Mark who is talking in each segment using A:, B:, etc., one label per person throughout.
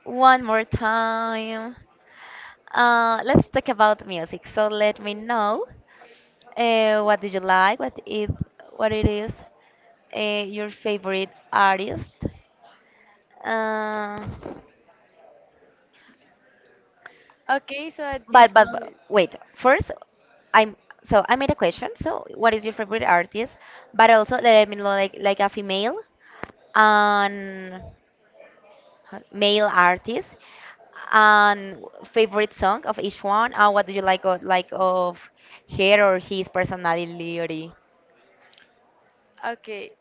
A: one more time. Let's talk about music. So let me know what do you like, what it is your favorite artist. Uh,
B: Okay, so at this
A: but
B: moment.
A: wait, first, I'm so I made a question. So what is your favorite artist? But also let me know like a female and male artists, and favorite song of each one, and what do you like of her or his personality.
B: Okay,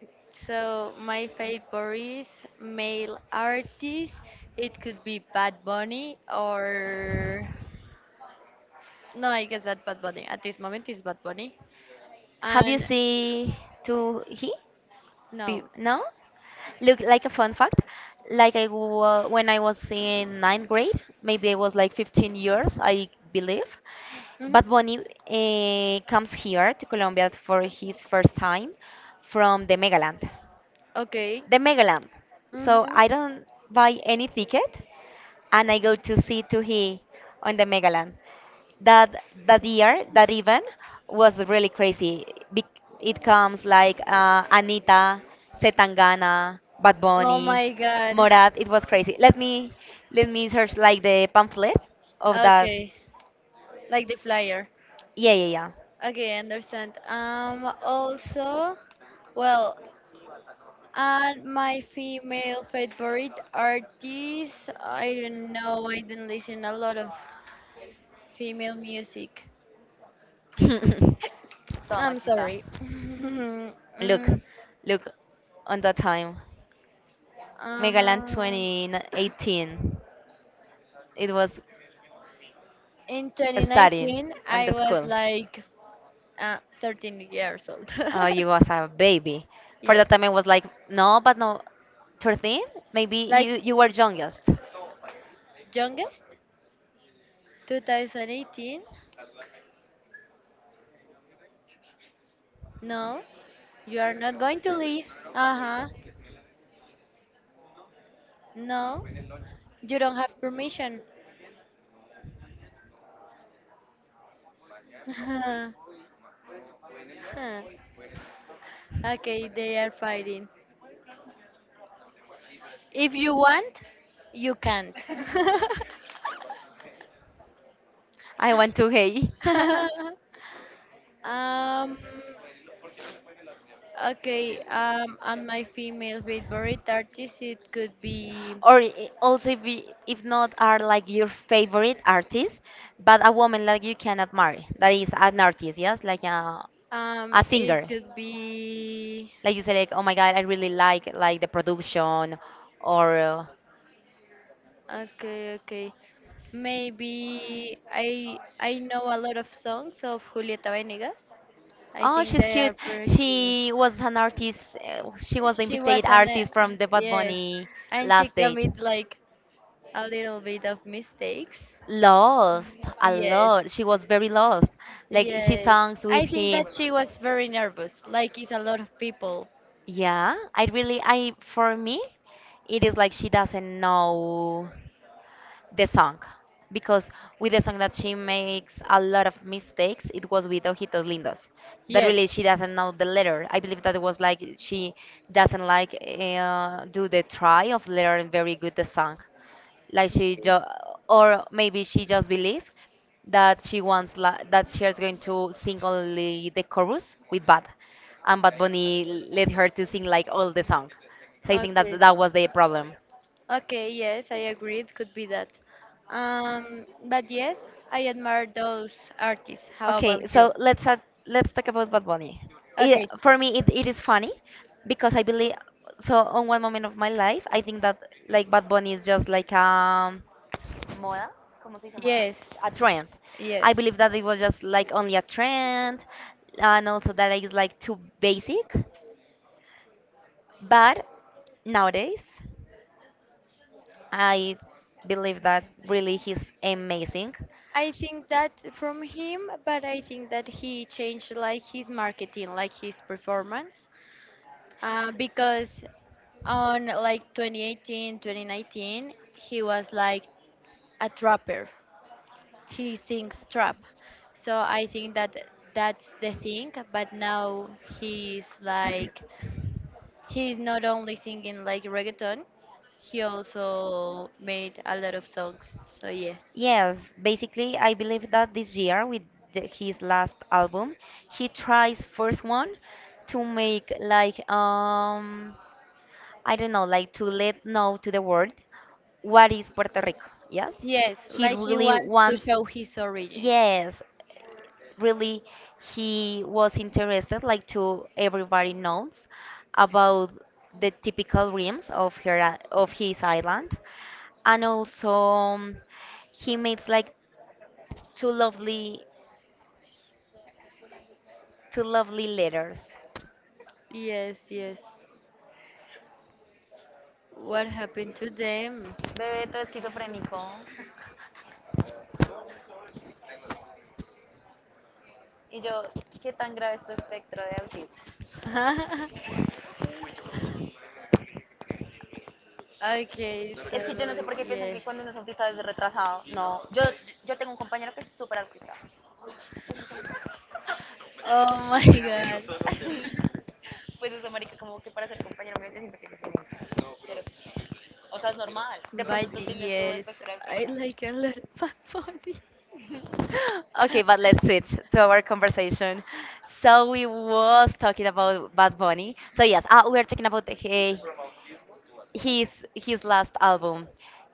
B: so my favorite male artist, it could be Bad Bunny, or no, I guess that Bad Bunny at this moment is Bad Bunny,
A: Have you
B: and
A: seen to he?
B: no.
A: No, look, like a fun fact. Like, when I was in ninth grade, maybe I was like 15 years, I believe.
B: Hmm.
A: But Bunny comes here to Colombia for his first time, from the Megaland.
B: Okay.
A: The Megalam. So
B: Mm-hmm.
A: I don't buy any ticket, and I go to see to he on the Megalam. That year, that event was really crazy. Bec- It comes like Anita, Setangana, Bad
B: Oh
A: Bunny,
B: my God.
A: Morat. It was crazy. Let me search like the pamphlet of that.
B: Okay, like the flyer.
A: Yeah, yeah, yeah.
B: Okay, I understand. Also, well, and my female favorite artists, I don't know, I don't listen a lot of female music.
A: Toma,
B: I'm
A: machita.
B: sorry.
A: Look,
B: Mm,
A: look on the time. Megaland
B: um,
A: 2018. It was
B: in
A: studying
B: 2019,
A: on
B: I
A: the
B: was
A: school.
B: like 13 years old.
A: You was a baby. For that
B: Yes,
A: time, I was like, no, but no, 13? Maybe
B: like
A: you were youngest.
B: youngest 2018. No, you are not going to leave. Uh huh. No, you don't have permission. Huh. Okay, they are fighting. If you want, you can't.
A: I want to hey.
B: um. Okay. And my female favorite artist, it could be.
A: Or, also, if not, are like your favorite artist, but a woman like you cannot marry. That is an artist, yes? Like a, a
B: It
A: singer.
B: could be.
A: Like you say, like, oh my God, I really like the production or
B: Okay. Okay. Maybe I know a lot of songs of Julieta Venegas. I
A: Oh,
B: think
A: she's
B: they are
A: cute.
B: pretty cute.
A: She was an artist. She was the
B: She was
A: invited
B: an
A: artist from the Bad
B: yes,
A: Bunny
B: and she
A: last date.
B: commit like a little bit of mistakes.
A: Lost a
B: Yes,
A: lot. She was very lost. Like she
B: yes.
A: songs with
B: I think
A: him.
B: that she was very nervous, like it's a lot of people.
A: Yeah, I really, I for me, it is like she doesn't know the song, because with the song that she makes a lot of mistakes, it was with ojitos lindos, that really
B: Yes.
A: she doesn't know the letter. I believe that it was like she doesn't like do the try of learning very good the song, like she
B: Okay.
A: just, or maybe she just believe that she wants that she is going to sing only the chorus with bad, and Bad Bunny led her to sing like all the song. So I think that
B: Okay.
A: that was the problem.
B: Okay, yes, I agree. It could be that. But yes, I admire those artists. How
A: Okay,
B: about you?
A: so let's talk about Bad Bunny. It,
B: Okay.
A: for me, it is funny because I believe so. On one moment of my life, I think that like Bad Bunny is just like moda. ¿Cómo se dice moda?
B: Yes.
A: A trend. I
B: Yes.
A: believe that it was just like only a trend, and also that it's like too basic. But nowadays, I believe that really he's amazing.
B: I think that from him, but I think that he changed like his marketing, like his performance, because on like 2018, 2019, he was like a trapper. He sings trap, so I think that that's the thing. But now he's like he's not only singing like reggaeton, he also made a lot of songs. So yes.
A: Yes, basically, I believe that this year, with his last album, he tries first one to make like I don't know, like to let know to the world what is Puerto Rico. Yes,
B: Yes,
A: he
B: like he
A: really
B: wants to
A: wants.
B: show his origins.
A: Yes, really, he was interested like to everybody knows about the typical rims of his island, and also he makes like two lovely to lovely letters.
B: Yes, yes. What happened to them?
A: Bebé, todo esquizofrénico. Y yo, ¿qué tan grave es tu espectro de autismo?
B: Okay,
A: Es que yo no sé
B: so
A: por qué piensan que
B: yes.
A: cuando uno es autista es retrasado. No, yo tengo un compañero que es súper autista.
B: Oh my God.
A: Pues eso, marica, como que para ser compañero mío yo siempre que es mi... O sea, es normal. De pronto
B: But
A: tú tienes tu
B: yes,
A: espectro de
B: I
A: autista.
B: like a lot of Bad Bunny.
A: Okay, but let's switch to our conversation. So we was talking about Bad Bunny. So yes, ah, we are talking about the, he- his his last album.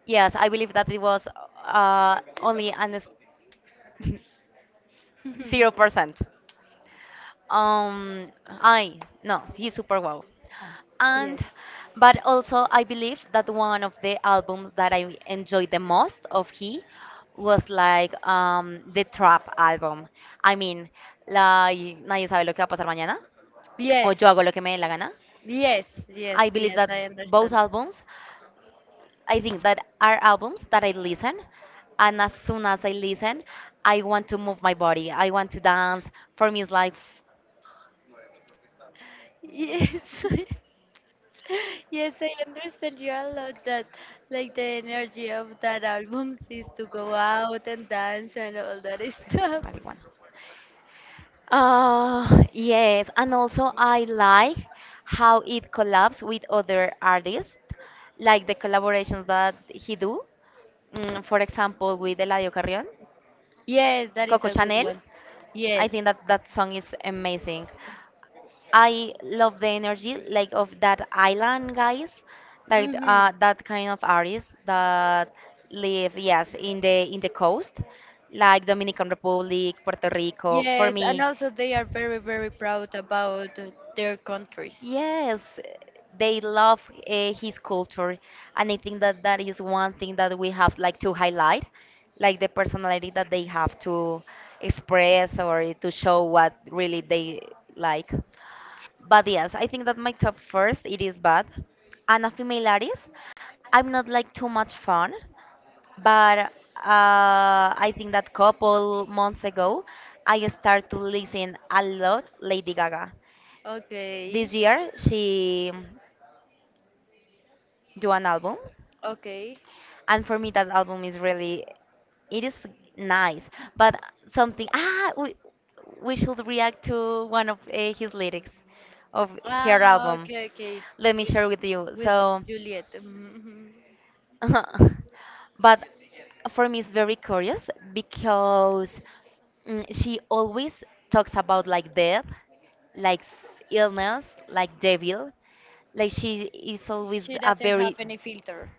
A: Yes, I believe that it was only an zero percent. I no, he's super wow. And
B: Yes.
A: but also I believe that one of the albums that I enjoyed the most of he was like the trap album. I mean, like nadie sabe lo que va a pasar mañana o
B: Yes.
A: yo hago lo que me dé la gana.
B: Yes. Yes.
A: I believe
B: Yes.
A: that
B: I
A: both
B: understand.
A: albums, I think that are albums that I listen, and as soon as I listen, I want to move my body. I want to dance. For me, it's like
B: Yes. Yes, I understand you a lot that like the energy of that album is to go out and dance and all that stuff.
A: marijuana. Yes, and also I like how it collabs with other artists, like the collaborations that he do. For example, with Eladio Carrion,
B: Yes, that is
A: Coco
B: a good
A: Chanel.
B: one.
A: I
B: Yes.
A: think that that song is amazing. I love the energy like of that island guys, like
B: Hmm.
A: that kind of artists that live, yes, in the coast, like Dominican Republic, Puerto Rico. For
B: Yes, and
A: me,
B: also they are very, very proud about their countries.
A: yes, they love his culture, and I think that that is one thing that we have like to highlight, like the personality that they have to express or to show what really they like. But yes, I think that my top first it is bad. And a female artist. I'm not like too much fun, but I think that couple months ago I start to listen a lot Lady Gaga.
B: Okay.
A: This year she do an album,
B: Okay.
A: and for me that album is really, it is nice. But something we should react to one of his lyrics of her
B: Ah,
A: album.
B: okay, okay.
A: Let me
B: With
A: share with you.
B: with
A: So
B: Juliet. Mhm.
A: but for me, it's very curious because, she always talks about like death, like illness, like devil. Like she is always
B: She
A: a
B: doesn't have
A: very,
B: any filter.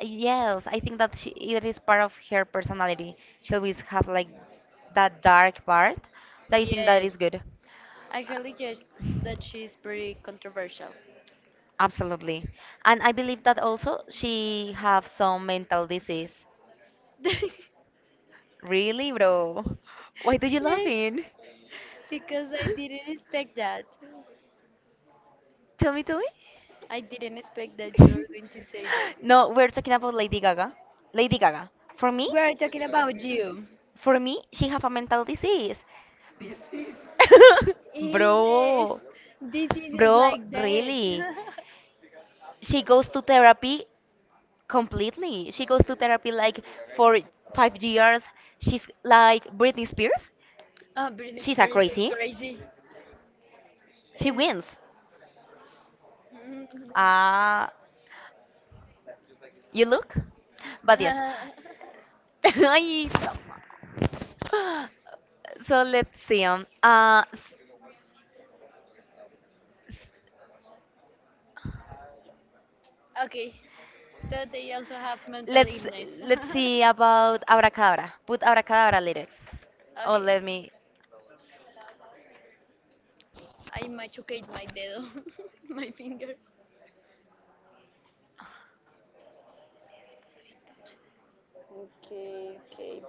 A: yes. I think that she, it is part of her personality. She always has like that dark part. That I think that is
B: Yes.
A: good.
B: Actually, yes, that she's pretty controversial.
A: Absolutely. And I believe that also she have some mental disease. Really, bro? Why do you
B: Yes,
A: laughing?
B: because I didn't expect that.
A: Tell me, tell me.
B: I didn't expect that you were going to say that.
A: No, we're talking about Lady Gaga. Lady Gaga. For me,
B: We are talking about you.
A: for me, she have a mental disease.
B: Illness.
A: Bro,
B: Disease is
A: bro,
B: like that.
A: really. She goes to therapy completely. She goes to therapy like for 5 years. She's like Britney Spears.
B: Oh, Britney
A: She's a
B: Spears is
A: crazy.
B: crazy.
A: She
B: Uh,
A: wins.
B: mm.
A: Ah, you look. But yes. Ay, no. So let's see.
B: Okay, so they also have mental
A: Let's
B: illness.
A: let's see about abracadabra. Put abracadabra lyrics. Oh,
B: Okay,
A: let me.
B: I machucate my dedo, my finger. Okay, okay.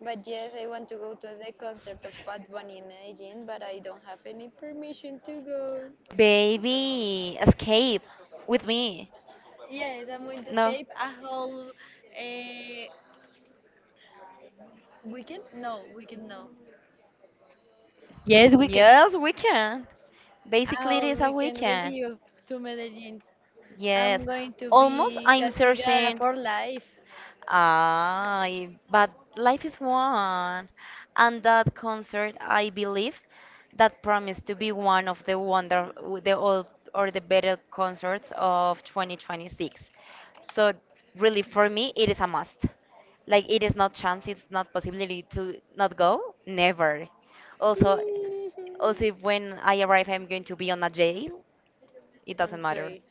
B: But yes, I want to go to the concert of Bad Bunny in Medellin, but I don't have any permission to go.
A: Baby, escape with me.
B: Yes, I'm going to
A: No.
B: escape a whole weekend. No, weekend no. Yes, we can.
A: Yes, weekend.
B: A
A: Basically, it
B: whole
A: is a
B: weekend with
A: weekend.
B: you to Medellin. I'm
A: Yes.
B: going to
A: Almost,
B: be
A: I'm
B: castigada
A: searching,
B: for life.
A: but life is one. And that concert, I believe, that promised to be one of the wonder, the old or the better concerts of 2026. So really, for me, it is a must. Like it is not chance, it's not possibility to not go, never. Also, also, if when I arrive, I'm going to be on a jail. It doesn't matter.
B: Okay,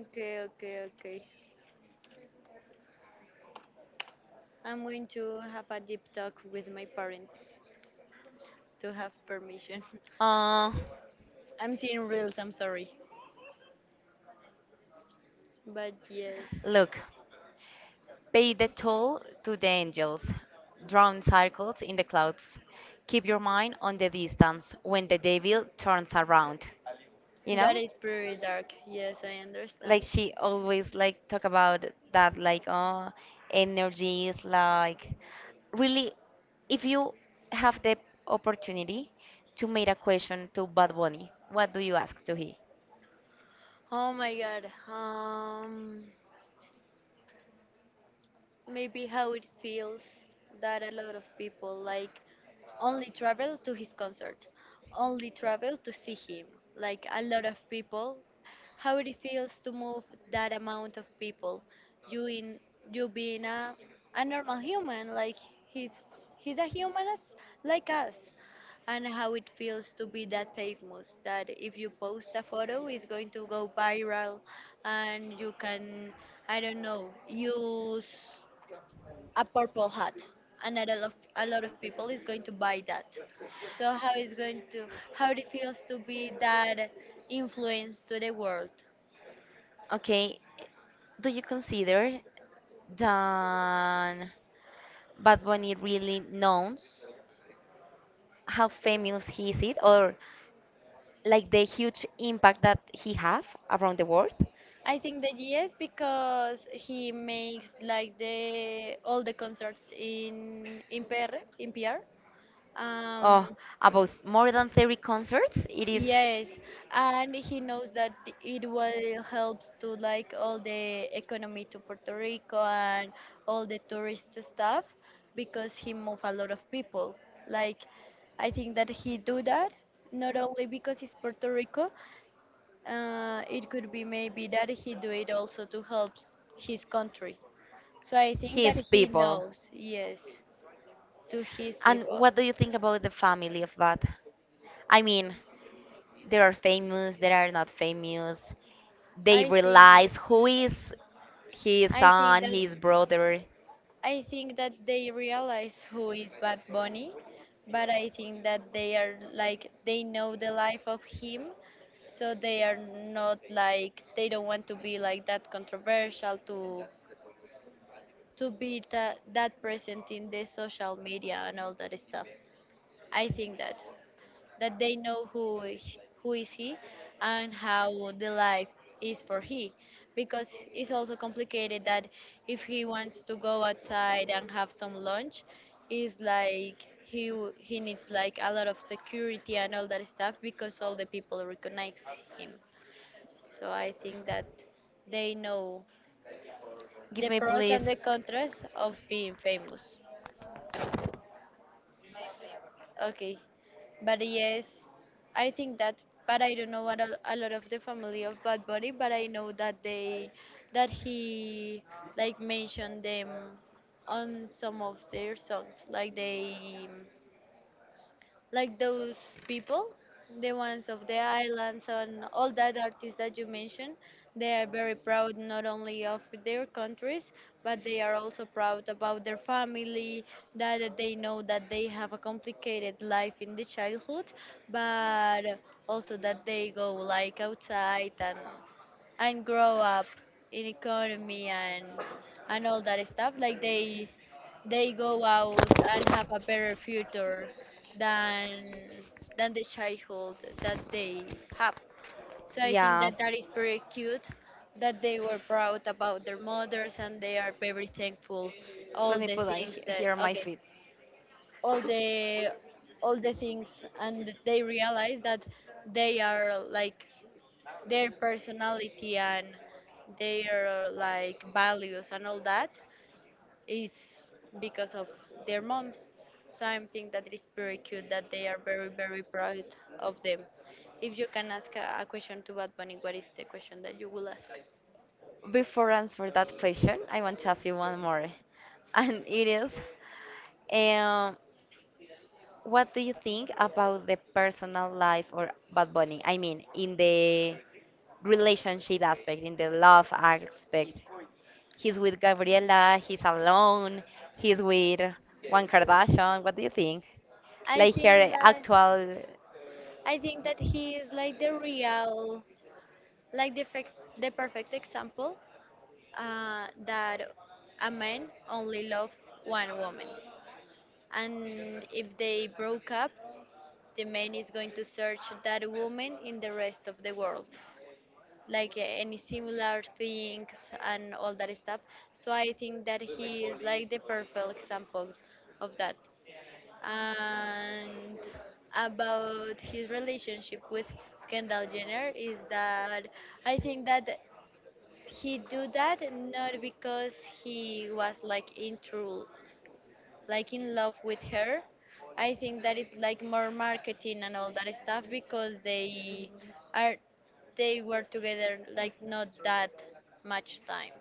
B: okay, okay, okay. I'm going to have a deep talk with my parents to have permission.
A: Uh,
B: I'm seeing reels, I'm sorry. But yes,
A: look. Pay the toll to the angels. Drawn circles in the clouds. Keep your mind on the distance when the devil turns around. You
B: that
A: know,
B: is pretty dark. Yes, I
A: like
B: understand.
A: she always like talk about that, like oh, energy is like really. If you have the opportunity to make a question to Bad Bunny, what do you ask to he?
B: Oh my god. Um. Maybe how it feels that a lot of people like only travel to his concert, only travel to see him. Like a lot of people, how it feels to move that amount of people. You in you being a normal human, like he's he's a human as like us. And how it feels to be that famous that if you post a photo it's going to go viral, and you can, I don't know, use a purple hat, and a lot of people is going to buy that. So how it feels to be that influence to the world.
A: Okay, do you consider that Bad Bunny really knows how famous he is it, or like the huge impact that he have around the world?
B: I think that yes, because he makes like the all the concerts in PR in PR. Um,
A: Oh, about more than 30 concerts, it is.
B: Yes, and he knows that it will helps to like all the economy to Puerto Rico and all the tourist stuff, because he move a lot of people. Like, I think that he do that not only because it's Puerto Rico, it could be maybe that he do it also to help his country. So I think that
A: His
B: he
A: people.
B: knows, yes, to his
A: And
B: people.
A: what do you think about the family of bat? I mean, there are famous, there are not famous. They
B: I think
A: realize who is his
B: I think
A: son,
B: that
A: his brother.
B: I think that they realize who is Bad Bunny, but I think that they are like, they know the life of him, so they are not like, they don't want to be like that controversial to be that present in the social media and all that stuff. I think that they know who is he, and how the life is for he, because it's also complicated that if he wants to go outside and have some lunch, is like he needs like a lot of security and all that stuff, because all the people recognize him. So I think that they know
A: Give
B: the
A: me,
B: pros and
A: please.
B: the contras of being famous. Okay, but yes, I think that. But I don't know what a lot of the family of Bad Bunny, but I know that they that he like mentioned them on some of their songs, like they like those people, the ones of the islands and all that artists that you mentioned. They are very proud not only of their countries, but they are also proud about their family, that they know that they have a complicated life in the childhood, but also that they go like outside and grow up in economy and all that stuff, like they go out and have a better future than than the childhood that they have. So I think
A: Yeah.
B: that that is very cute that they were proud about their mothers, and they are very thankful
A: Let
B: all
A: me
B: the
A: put on
B: things that.
A: here on my
B: Okay.
A: feet.
B: All the all the things, and they realize that they are like their personality and their like values and all that, it's because of their moms. So I think that it is very cute that they are very, very proud of them. If you can ask a question to Bad Bunny, what is the question that you will ask?
A: Before I answer that question, I want to ask you one more, and it is, um, what do you think about the personal life or Bad Bunny? I mean, in the relationship aspect, in the love aspect. He's with Gabriela, he's alone, he's with one Kardashian. What do you think?
B: I
A: Like
B: think
A: her
B: that
A: actual.
B: I think that he is like the real, like the perfect example, that a man only love one woman, and if they broke up, the man is going to search that woman in the rest of the world, like any similar things and all that stuff. So I think that he is like the perfect example of that. And about his relationship with Kendall Jenner is that, I think that he do that not because he was like in true like in love with her. I think that is like more marketing and all that stuff, because are they were together like not that much time.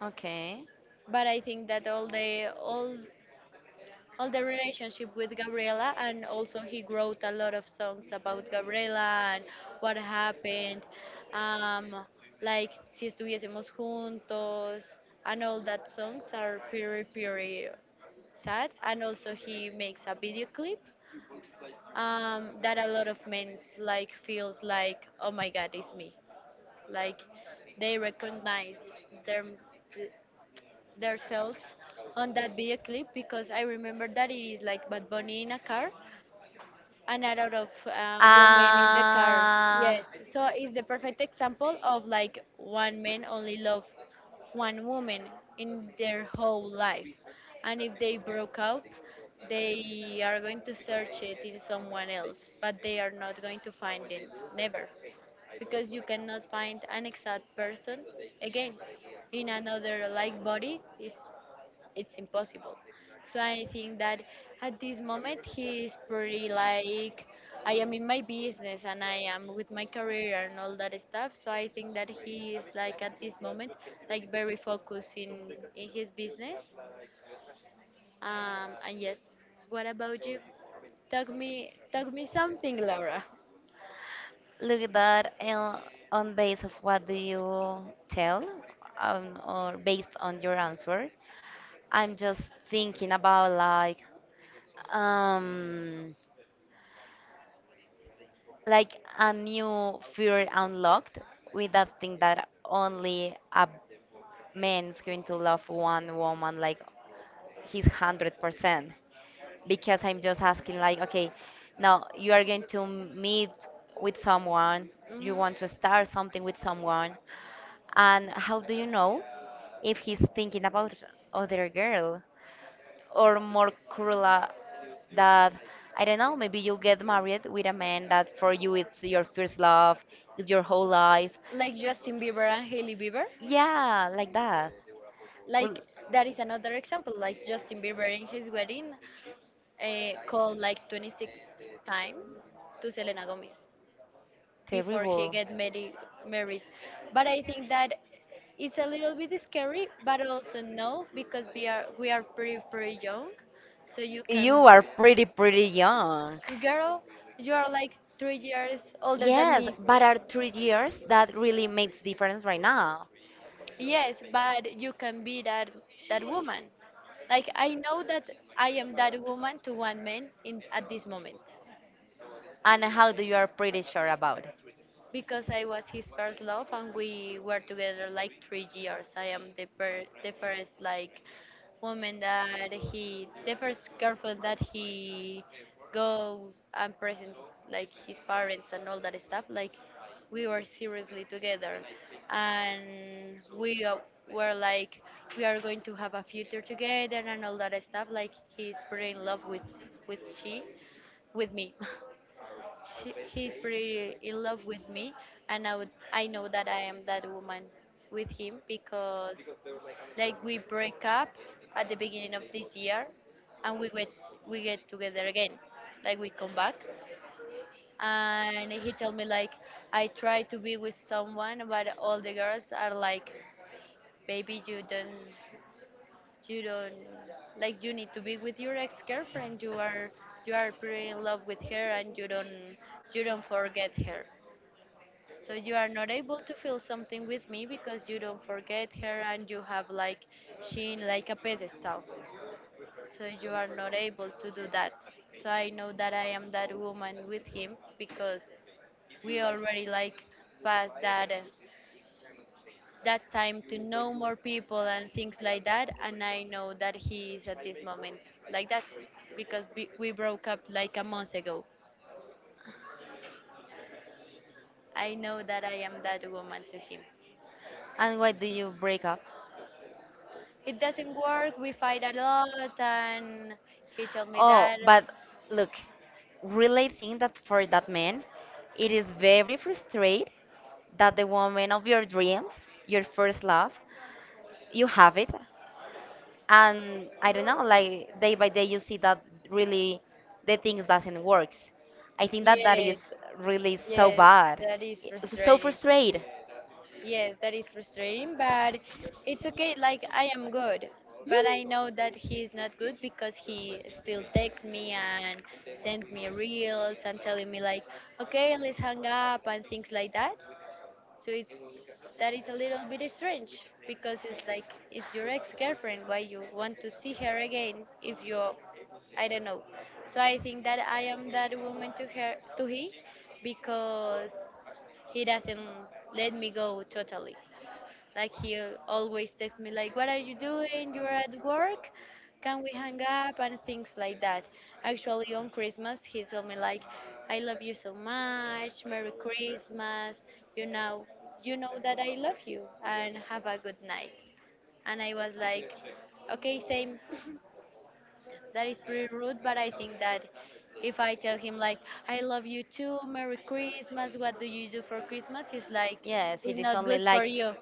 A: Okay.
B: But I think that all the all the relationship with Gabriela, and also he wrote a lot of songs about Gabriela and what happened, um, like si estuviésemos juntos, and all that songs are pretty pretty sad, and also he makes a video clip, that a lot of men like feels like, oh my god, it's me, like they recognize their themselves on that video clip, because I remember that it is like Bad Bunny in a car and a lot of women in the car.
A: Uh,
B: Yes, so it's the perfect example of, like, one man only love one woman in their whole life, and if they broke up, they are going to search it in someone else, but they are not going to find it never, because you cannot find an exact person again in another like body. Is it's impossible. So I think that at this moment he is pretty like, I am in my business and I am with my career and all that stuff. So I think that he is like at this moment, like, very focused in his business. And yes, what about you? Talk me something, Laura.
A: Look at that, on base of what do you tell, or based on your answer. I'm just thinking about, like, um like a new fear unlocked with that thing that only a man's going to love one woman like his 100%, because I'm just asking, like, okay, now you are going to meet with someone,
B: Hmm.
A: you want to start something with someone, and how do you know if he's thinking about other girl? Or more cruel, that, I don't know, maybe you get married with a man that for you it's your first love, it's your whole life.
B: Like Justin Bieber and Hailey Bieber.
A: Yeah, like that. Rel-
B: Like that is another example. Like Justin Bieber in his wedding, called like 26 times to Selena Gomez before he
A: Terrible.
B: get married. But I think that it's a little bit scary, but also no, because we are pretty pretty young, so you can,
A: You are pretty, pretty young.
B: girl, you are like 3 years older than
A: Yes,
B: me.
A: but are 3 years that really makes difference right now.
B: Yes, but you can be that woman. Like, I know that I am that woman to one man in at this moment.
A: And how do you are pretty sure about it?
B: Because I was his first love and we were together like 3 years. I am the first like woman that he the first girlfriend that he go and present like his parents and all that stuff. Like we were seriously together, and we were like we are going to have a future together and all that stuff. Like he's pretty in love with she with me. He's pretty in love with me, and I know that I am that woman with him because, like, we break up at the beginning of this year, and we get together again, like we come back, and he told me like, I try to be with someone, but all the girls are like, baby, you don't, like, you need to be with your ex-girlfriend. You are pretty in love with her, and you don't forget her. So you are not able to feel something with me because you don't forget her and you have like she in like a pedestal. So you are not able to do that. So I know that I am that woman with him because we already like passed that time to know more people and things like that, and I know that he is at this moment like that because we broke up like a month ago. I know that I am that woman to him.
A: And why do you break up?
B: It doesn't work. We fight a lot, and he told me
A: Oh,
B: that.
A: but look, really think that for that man, it is very frustrating that the woman of your dreams, your first love, you have it, and I don't know, like day by day you see that really the things doesn't works. I think that that is
B: Yes,
A: really so
B: yes,
A: bad.
B: that is
A: It's so
B: frustrating.
A: frustrated.
B: Yes, that is frustrating, but it's okay. Like I am good, but I know that he is not good because he still texts me and send me reels and telling me like, okay, let's hang up and things like that. So it's that is a little bit strange because it's like it's your ex-girlfriend. Why you want to see her again if you, I don't know. So I think that I am that woman to he because he doesn't let me go totally. Like he always texts me like, "What are you doing? You're at work? Can we hang up?" and things like that. Actually, on Christmas, he told me like, "I love you so much. Merry Christmas. You know, you know that I love you, and have a good night." And I was like, "Okay, same." That is pretty rude, but I think that if I tell him like, "I love you too. Merry Christmas. What do you do for Christmas?" He's like,
A: Yes, it
B: "It's
A: is
B: not
A: only
B: good
A: like
B: for you."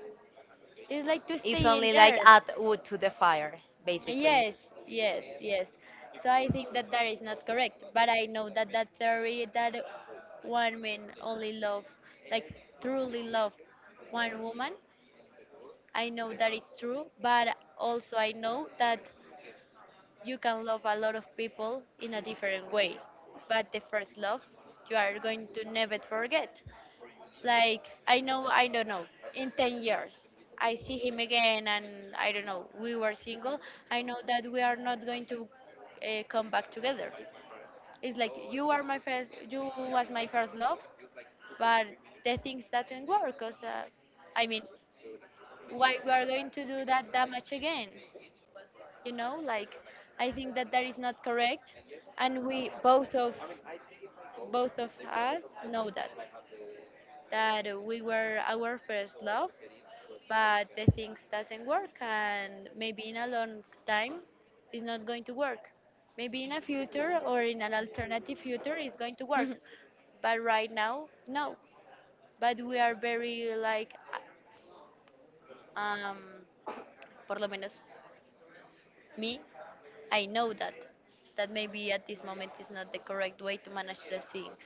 B: It's like to
A: it's
B: stay in
A: only like
B: there.
A: add wood to the fire, basically.
B: Yes, yes, yes. So I think that that is not correct, but I know that that theory that one man only love, like truly love one woman, I know that it's true, but also I know that you can love a lot of people in a different way, but the first love you are going to never forget. Like I know, I don't know. In 10 years, I see him again, and I don't know. We were single. I know that we are not going to come back together. It's like you was my first love, but the things doesn't work. Cause I mean, why we are going to do that damage again? Like I think that that is not correct, and we both of us know that we were our first love, but the things doesn't work, and maybe in a long time it's not going to work. Maybe in a future or in an alternative future it's going to work, but right now no. But we are very like uh, um por lo menos me, I know that that maybe at this moment is not the correct way to manage the things,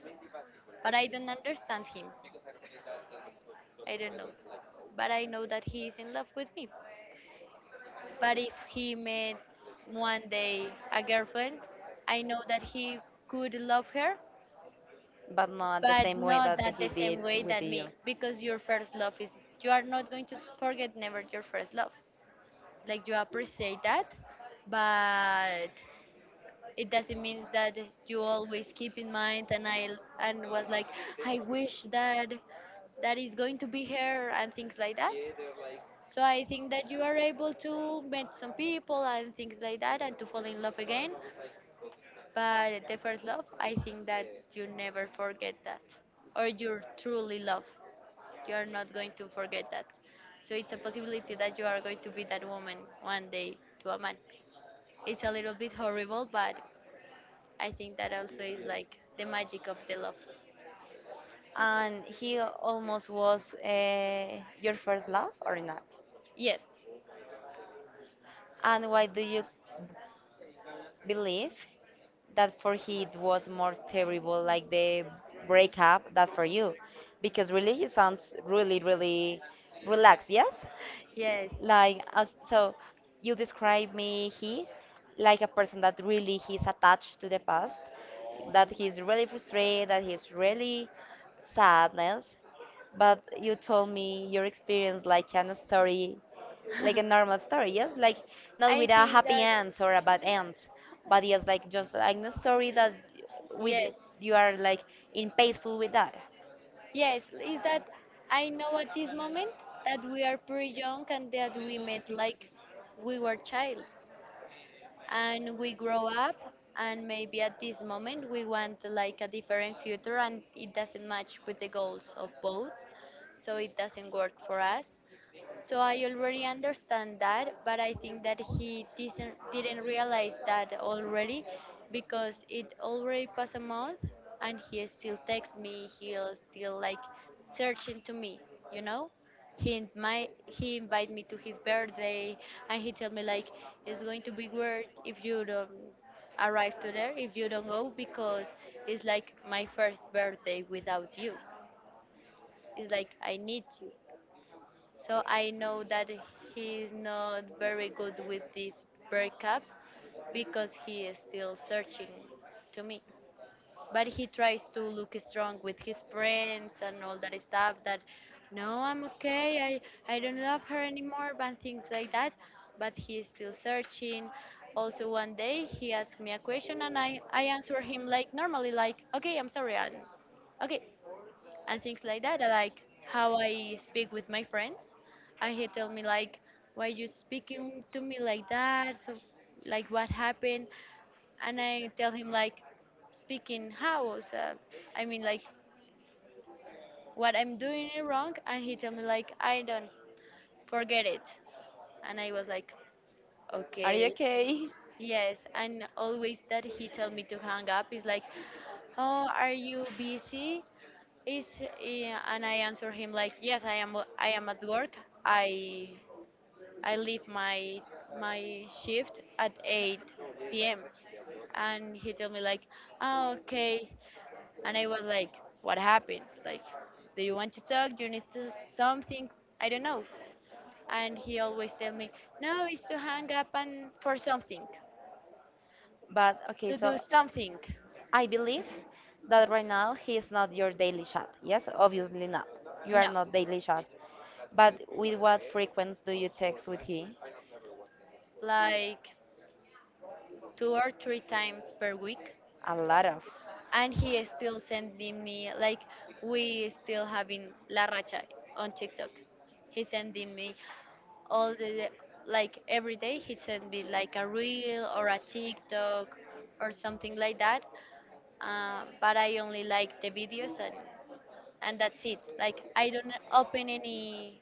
B: but I don't understand him. I don't know, but I know that he is in love with me. But if he meets one day a girlfriend, I know that he could love her,
A: But not the
B: but
A: same way
B: not
A: that
B: that
A: he
B: the
A: did
B: same way
A: with
B: that
A: you.
B: me, because your first love is you are not going to forget never your first love. Like you appreciate that, but it doesn't mean that you always keep in mind. And I and was like, I wish that that is going to be her and things like that. So I think that you are able to meet some people and things like that and to fall in love again. But the first love, I think that you never forget that. Or you truly love. You are not going to forget that. So it's a possibility that you are going to be that woman one day to a man. It's a little bit horrible, but I think that also is like the magic of the love.
A: And he almost was, your first love or not?
B: Yes,
A: And why do you believe that for he it was more terrible, like the breakup, that for you, because really you sounds really really relaxed, yes,
B: yes.
A: like, as, so you describe me, he, like a person that really he's attached to the past, that he's really frustrated, that he's really sadness. But you told me your experience like an story, like a normal story, yes? Like, not
B: I
A: with a
B: think
A: happy
B: that
A: end or a bad end, but yes, like just like a story that, with,
B: yes.
A: you are like in peaceful with that.
B: Yes, is that I know at this moment that we are pretty young and that we met like we were childs and we grow up, and maybe at this moment we want like a different future and it doesn't match with the goals of both, so it doesn't work for us. So I already understand that, but I think that he didn't realize that already because it already passed a month and he still texts me, he'll still like searching to me, you know? He invite me to his birthday and he tell me like it's going to be weird if you don't arrive to there, if you don't go because it's like my first birthday without you. It's like I need you. So I know that he is not very good with this breakup because he is still searching to me. But he tries to look strong with his friends and all that stuff that no, I'm okay, I don't love her anymore, and things like that. But he is still searching. Also, one day he asked me a question and I answered him like normally, like, okay, I'm sorry, and okay and things like that. I Like how I speak with my friends, and he tell me like, "Why you speaking to me like that? So, like, what happened?" And I tell him like, "Speaking how? So, I mean like, what I'm doing is wrong." And he tell me like, "I don't forget it." And I was like,
A: Are you
B: "Okay."
A: okay?
B: Yes, and always that he tell me to hang up is like, oh, are you busy? Is and I answer him like, yes, I am. I am at work. I I leave my shift at 8 p.m. And he told me like, oh, okay. And I was like, what happened? Like, do you want to talk? Do you need to, something? I don't know. And he always tell me, no, it's to hang up and for something,
A: But okay,
B: to do
A: so
B: something.
A: I believe that right now he is not your daily chat. Yes, obviously not. You are
B: No,
A: not daily chat. But with what frequency do you text with he?
B: like 2 or 3 times per week,
A: A lot of.
B: and he is still sending me like we still having La Racha on TikTok. He's sending me all the like every day he send me like a reel or a TikTok or something like that. But I only like the videos, and that's it. Like I don't open any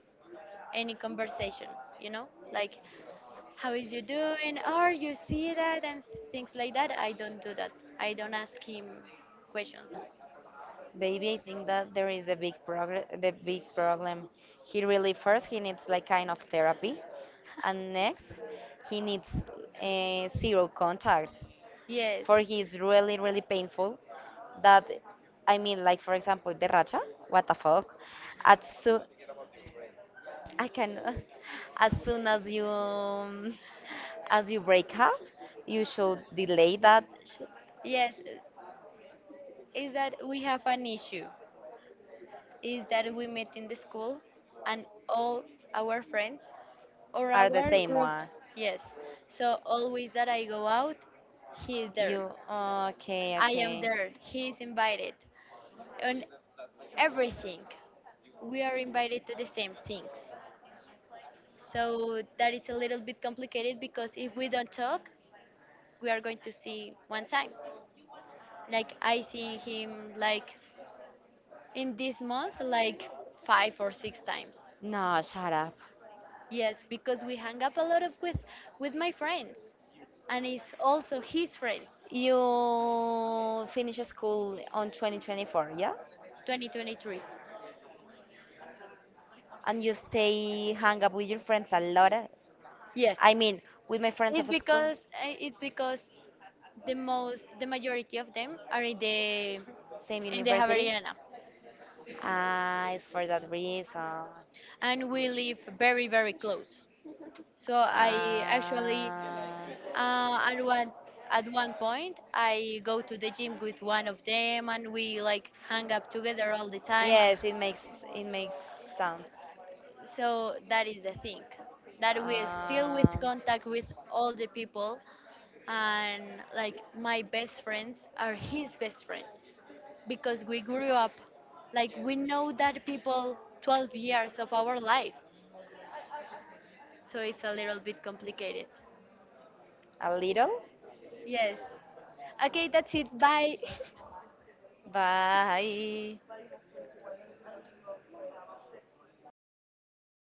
B: any conversation, you know? Like how is you doing? Or you see that and things like that. I don't do that. I don't ask him questions.
A: Baby, I think that there is a big progress, the big problem. He really first he needs like kind of therapy, and next he needs, zero contact.
B: Yes.
A: For he is really really painful, that, I mean, like, for example, the racha, what the fuck. As soon I can As soon as you as you break up, you should delay that shit.
B: Yes, is that we have an issue. Is that we meet in the school and all our friends or
A: Are the
B: our
A: same one.
B: groups. Yes. So always that I go out, he is there.
A: You, okay,
B: I am
A: okay.
B: there. He is invited. On everything, we are invited to the same things. So that is a little bit complicated because if we don't talk, we are going to see one time. Like I see him like in this month like 5 or 6 times.
A: No, shut up.
B: Yes, because we hang up a lot of with my friends, and it's also his friends.
A: You finish school on 2024, yes.
B: 2023.
A: And you stay hang up with your friends a lot.
B: Yes,
A: I mean, with my friends
B: it's
A: of school,
B: because the majority of them are
A: same
B: in the
A: university.
B: Javeriana,
A: Ah, it's for that reason.
B: and we live very very close. So I actually
A: Ah,
B: uh, at one at one point I go to the gym with one of them, and we like hang up together all the time.
A: yes, it makes sound.
B: So that is the thing that we still with
A: Um,
B: contact with all the people, and like my best friends are his best friends because we grew up, like we know that people 12 years of our life, so it's a little bit complicated.
A: A little?
B: Yes, okay, that's it, bye.
A: Bye.